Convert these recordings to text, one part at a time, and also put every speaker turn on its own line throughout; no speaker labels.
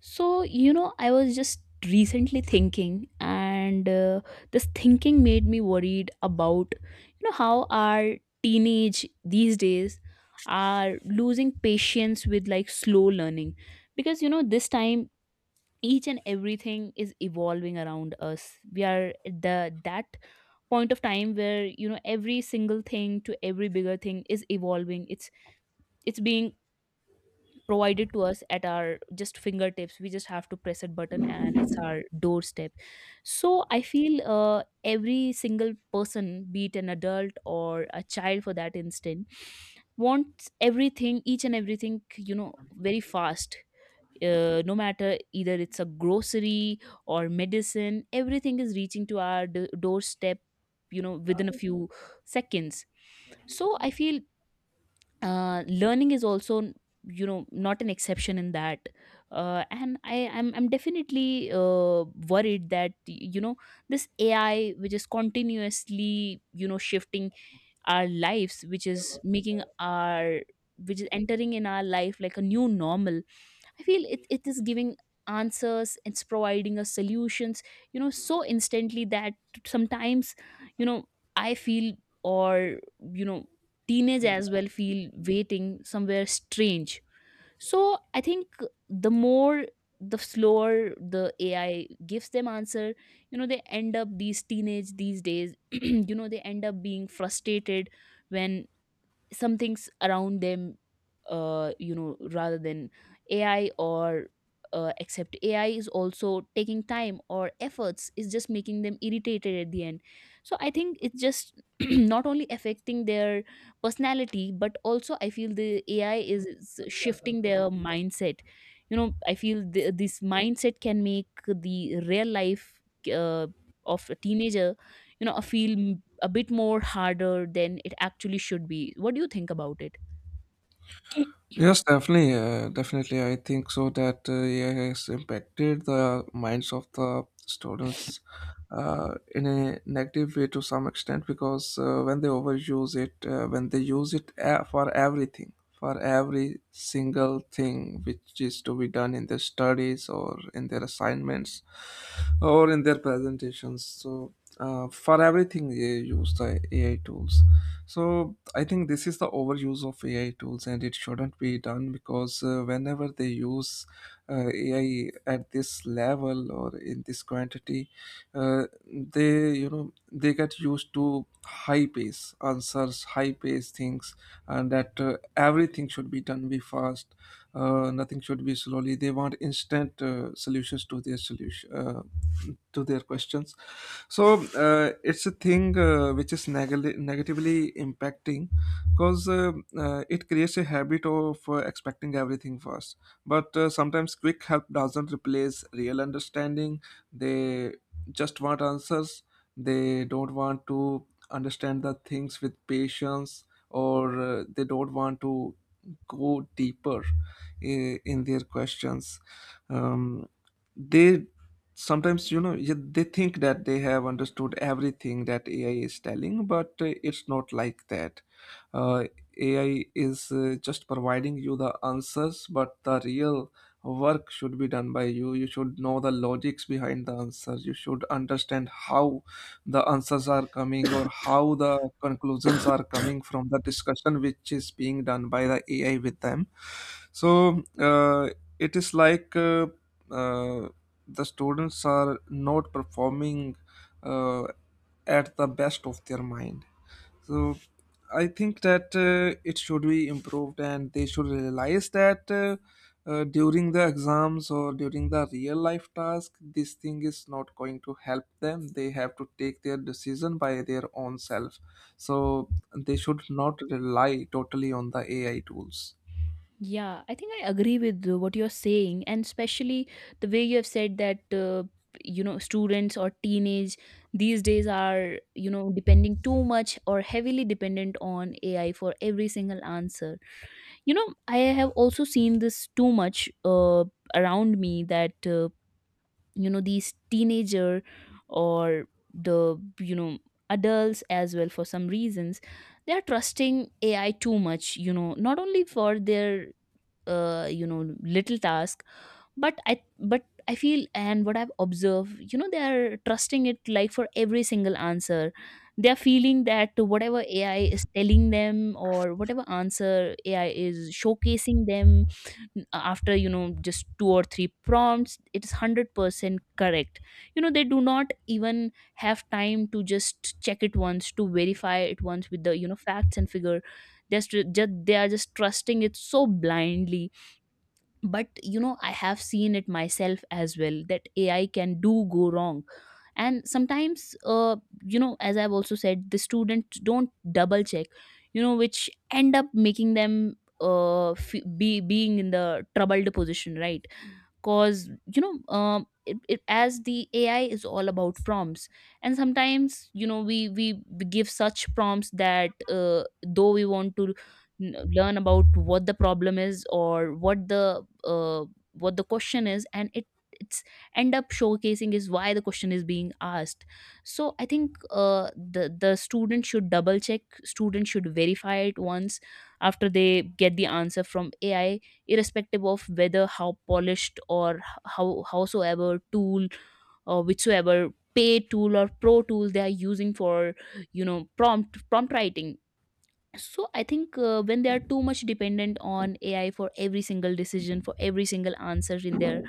So, you know, I was just recently thinking, and this thinking made me worried about, you know, how our teenage these days are losing patience with like slow learning. Because, you know, this time each and everything is evolving around us. We are at the that point of time where you know every single thing to every bigger thing is evolving, it's being provided to us at our just fingertips, we just have to press a button and it's our doorstep. So I feel every single person, be it an adult or a child, for that instant wants everything, each and everything, you know, very fast. No matter either it's a grocery or medicine, everything is reaching to our doorstep, you know, within a few seconds. So I feel learning is also, you know, not an exception in that. And I'm definitely worried that, you know, this AI which is continuously, you know, shifting our lives, which is making our, which is entering in our life like a new normal. I feel it, it is giving answers, it's providing us solutions, you know, so instantly that sometimes, you know, I feel, or, you know, teenage as well feel waiting somewhere strange. So I think the more, the slower the AI gives them answer, you know, they end up, these teenage these days, you know, they end up being frustrated when some things around them, you know, rather than AI, or except AI is also taking time or efforts, is just making them irritated at the end. So I think it's just not only affecting their personality, but also I feel the AI is shifting their mindset. You know, I feel this mindset can make the real life uh, of a teenager, you know, a feel a bit more harder than it actually should be. What do you think about it?
Yes, definitely, definitely. I think so that AI has impacted the minds of the students in a negative way to some extent because when they overuse it, when they use for everything, for every single thing which is to be done in their studies or in their assignments or in their presentations. So, for everything, they use the AI tools. So I think this is the overuse of AI tools, and it shouldn't be done because whenever they use AI at this level or in this quantity, they they get used to high pace answers, high pace things, and that everything should be done be fast. Nothing should be slowly. They want instant solutions to their solution to their questions. So it's a thing which is negatively impacting because it creates a habit of expecting everything fast. But sometimes quick help doesn't replace real understanding. They just want answers. They don't want to understand the things with patience, or they don't want to go deeper in their questions. um, they sometimes, they think that they have understood everything that ai is telling, but it's not like that. uh, AI is just providing you the answers, but the real work should be done by you. You should know the logics behind the answers. You should understand how the answers are coming, or how the conclusions are coming from the discussion which is being done by the AI with them. So it is like uh, the students are not performing uh, at the best of their mind. So I think that it should be improved and they should realize that during the exams or during the real life task, this thing is not going to help them. They have to take their decision by their own self. So they should not rely totally on the AI tools.
Yeah, I think I agree with what you're saying, and especially the way you have said that you know, students or teenage these days are, you know, depending too much or heavily dependent on AI for every single answer. You know, I have also seen this too much around me, that you know, these teenager or the, you know, adults as well, for some reasons, they are trusting AI too much, you know, not only for their you know, little task, but I feel and what I've observed, you know, they are trusting it like for every single answer. They are feeling that whatever AI is telling them or whatever answer AI is showcasing them, after, you know, just two or three prompts, it is 100% correct. You know, they do not even have time to just check it once, to verify it once with the, you know, facts and figure. Just they are just trusting it so blindly. But you know, I have seen it myself as well, that AI can do go wrong. And sometimes you know, as I've also said, the students don't double check, you know, which end up making them be being in the troubled position, right? Cause you know, as the AI is all about prompts. And sometimes, you know, we give such prompts that though we want to learn about what the problem is or what the question is, and it it's end up showcasing is why the question is being asked. So I think the student should double check, student should verify it once, after they get the answer from AI, irrespective of whether how polished or how howsoever tool or whichsoever paid tool or pro tool they are using for, you know, prompt writing. So I think when they are too much dependent on AI for every single decision, for every single answer in their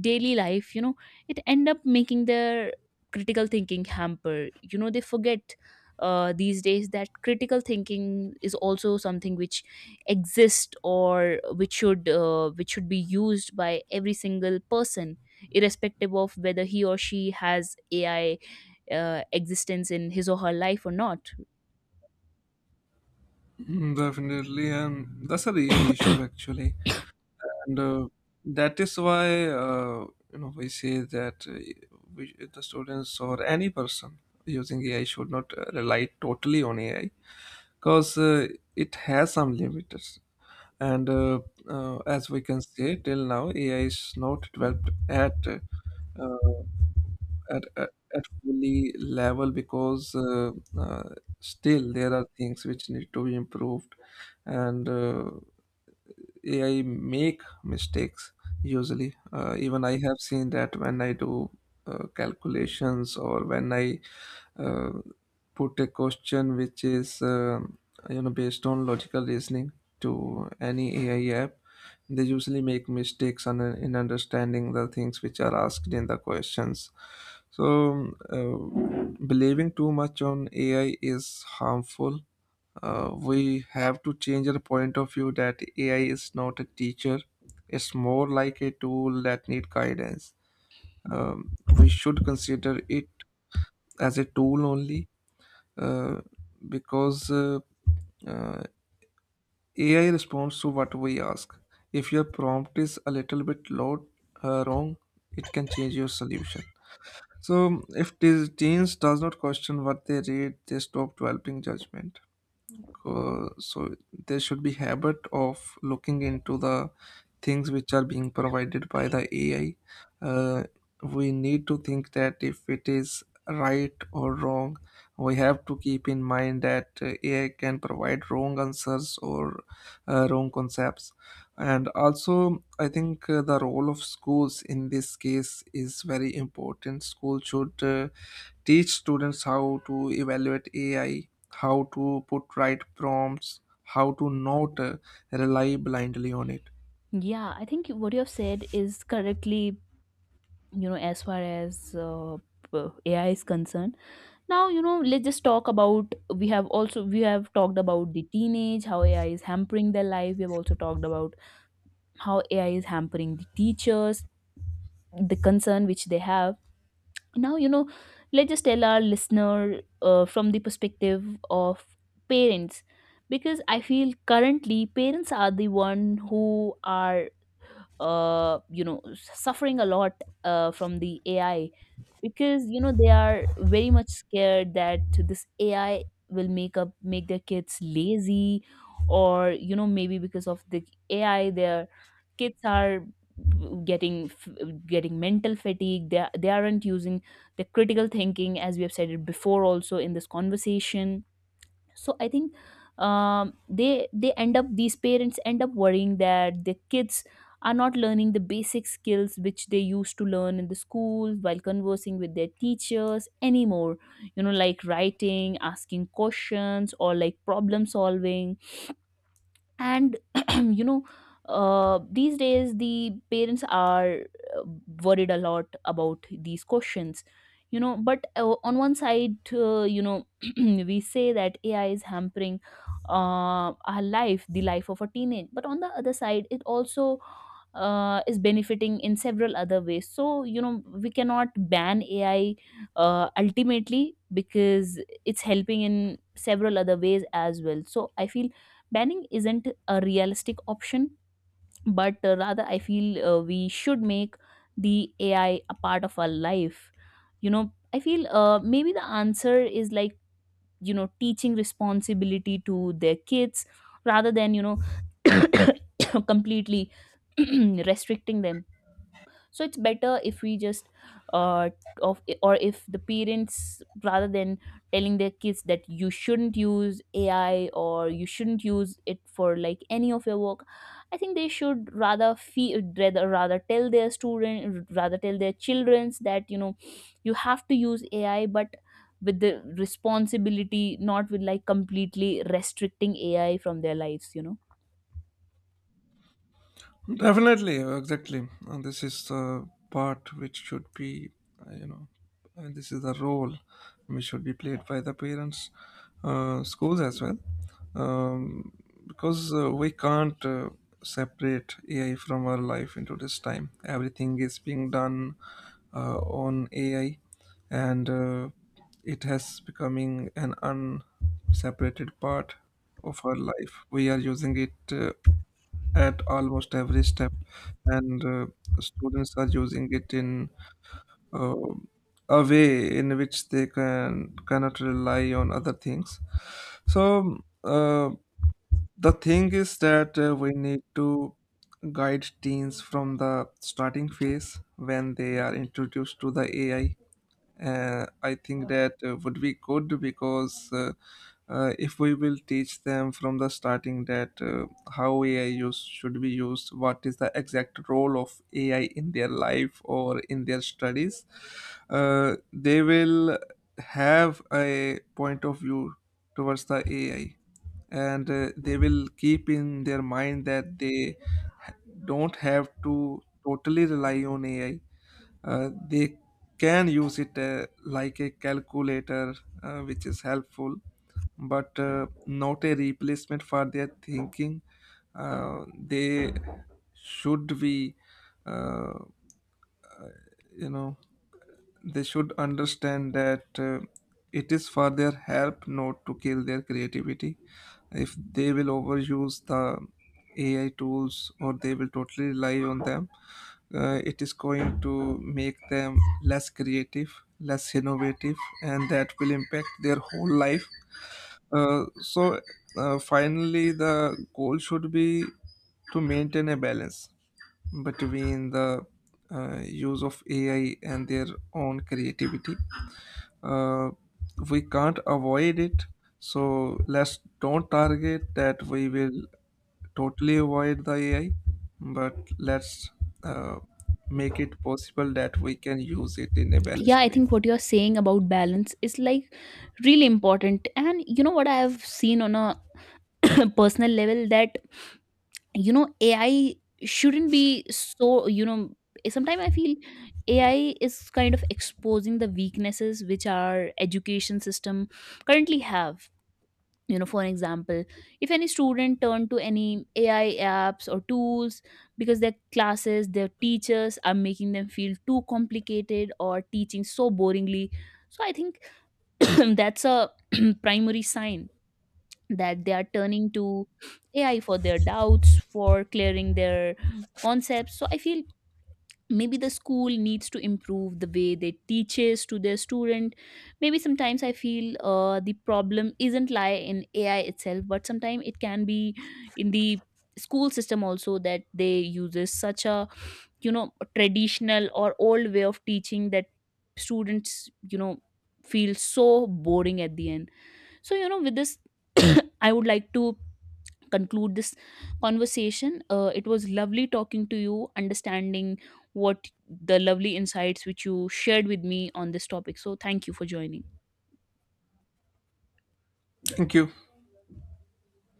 daily life, you know, it end up making their critical thinking hamper. You know, they forget these days that critical thinking is also something which exists, or which should be used by every single person, irrespective of whether he or she has AI existence in his or her life or not.
Mm, definitely, and that's a real issue actually. And that is why you know we say that we, the students or any person using AI should not rely totally on AI because it has some limiters. And as we can say, till now AI is not developed at uh, at fully level because uh, still there are things which need to be improved and. AI make mistakes usually. Even I have seen that when I do calculations or when I uh, put a question which is you know based on logical reasoning to any AI app, they usually make mistakes on, in understanding the things which are asked in the questions. So, believing too much on AI is harmful. We have to change our point of view that AI is not a teacher. It's more like a tool that need guidance. We should consider it as a tool only, uh, because uh, AI responds to what we ask. If your prompt is a little bit low, wrong, it can change your solution. So if these teens does not question what they read, they stop developing judgment. So there should be habit of looking into the things which are being provided by the ai. uh, we need to think that if it is right or wrong. We have to keep in mind that AI can provide wrong answers, or wrong concepts. And also, I think the role of schools in this case is very important. School should teach students how to evaluate AI, how to put right prompts, how to not rely blindly on it.
Yeah, I think what you have said is correctly, you know, as far as AI is concerned. Now, you know, let's just talk about, we have also, we have talked about the teenage, how AI is hampering their life. We have also talked about how AI is hampering the teachers, the concern which they have. Now, you know, let's just tell our listener from the perspective of parents, because I feel currently parents are the one who are you know, suffering a lot from the AI, because you know, they are very much scared that this AI will make up, make their kids lazy, or you know, maybe because of the AI, their kids are getting getting mental fatigue, they aren't using the critical thinking, as we have said it before also in this conversation. So I think they end up, these parents end up worrying that their kids are not learning the basic skills which they used to learn in the school while conversing with their teachers anymore, you know, like writing, asking questions, or like problem solving. And you know, these days the parents are uh, worried a lot about these questions, you know. But on one side, you know, we say that AI is hampering our life, the life of a teenage, but on the other side, it also is benefiting in several other ways. So you know, we cannot ban AI ultimately, because it's helping in several other ways as well. So I feel banning isn't a realistic option, but rather I feel we should make the AI a part of our life. You know, I feel maybe the answer is like, you know, teaching responsibility to their kids, rather than, you know, completely restricting them. So it's better if we just uh of, or if the parents, rather than telling their kids that you shouldn't use AI or you shouldn't use it for like any of your work, I think they should rather feel, rather rather tell their student, rather tell their childrens that you know, you have to use AI, but with the responsibility, not with like completely restricting AI from their lives, you know.
Definitely, exactly. And this is the part which should be, uh, you know, and this is the role which should be played by the parents, schools as well, um, because we can't separate AI from our life into this time. Everything is being done on AI, and it has becoming an unseparated part of our life. We are using it. At almost every step, and students are using it in uh, a way in which they cannot rely on other things. So the thing is that we need to guide teens from the starting phase when they are introduced to the AI. I think that would be good, because if we will teach them from the starting that how ai use should be used, what is the exact role of ai in their life or in their studies, they will have a point of view towards the ai. And they will keep in their mind that ha- don't have to totally rely on ai. They can use it like a calculator, which is helpful, but not a replacement for their thinking. They should be, uh, you know, they should understand that it is for their help, not to kill their creativity. If they will overuse the ai tools, or they will totally rely on them, it is going to make them less creative, less innovative, and that will impact their whole life. So finally the goal should be to maintain a balance between the use of AI and their own creativity. Uh, we can't avoid it, so let's don't target that we will totally avoid the AI, but let's uh, make it possible that we can use it in a
Yeah,
balanced
I
way.
think what you're saying about balance is like really important. And you know what I have seen on a personal level, that you know, AI shouldn't be so, you know, sometimes I feel AI is kind of exposing the weaknesses which our education system currently have. You know, for an example, if any student turn to any AI apps or tools because their classes, their teachers are making them feel too complicated or teaching so boringly, so I think that's a primary sign that they are turning to AI for their doubts, for clearing their concepts. So I feel maybe the school needs to improve the way they teaches to their student. Maybe sometimes I feel the problem isn't lie in AI itself, but sometimes it can be in the school system also, that they uses such a, you know, traditional or old way of teaching that students, you know, feel so boring at the end. So you know, with this, I would like to conclude this conversation. It was lovely talking to you, understanding what, the lovely insights which you shared with me on this topic. So thank you for joining.
Thank you.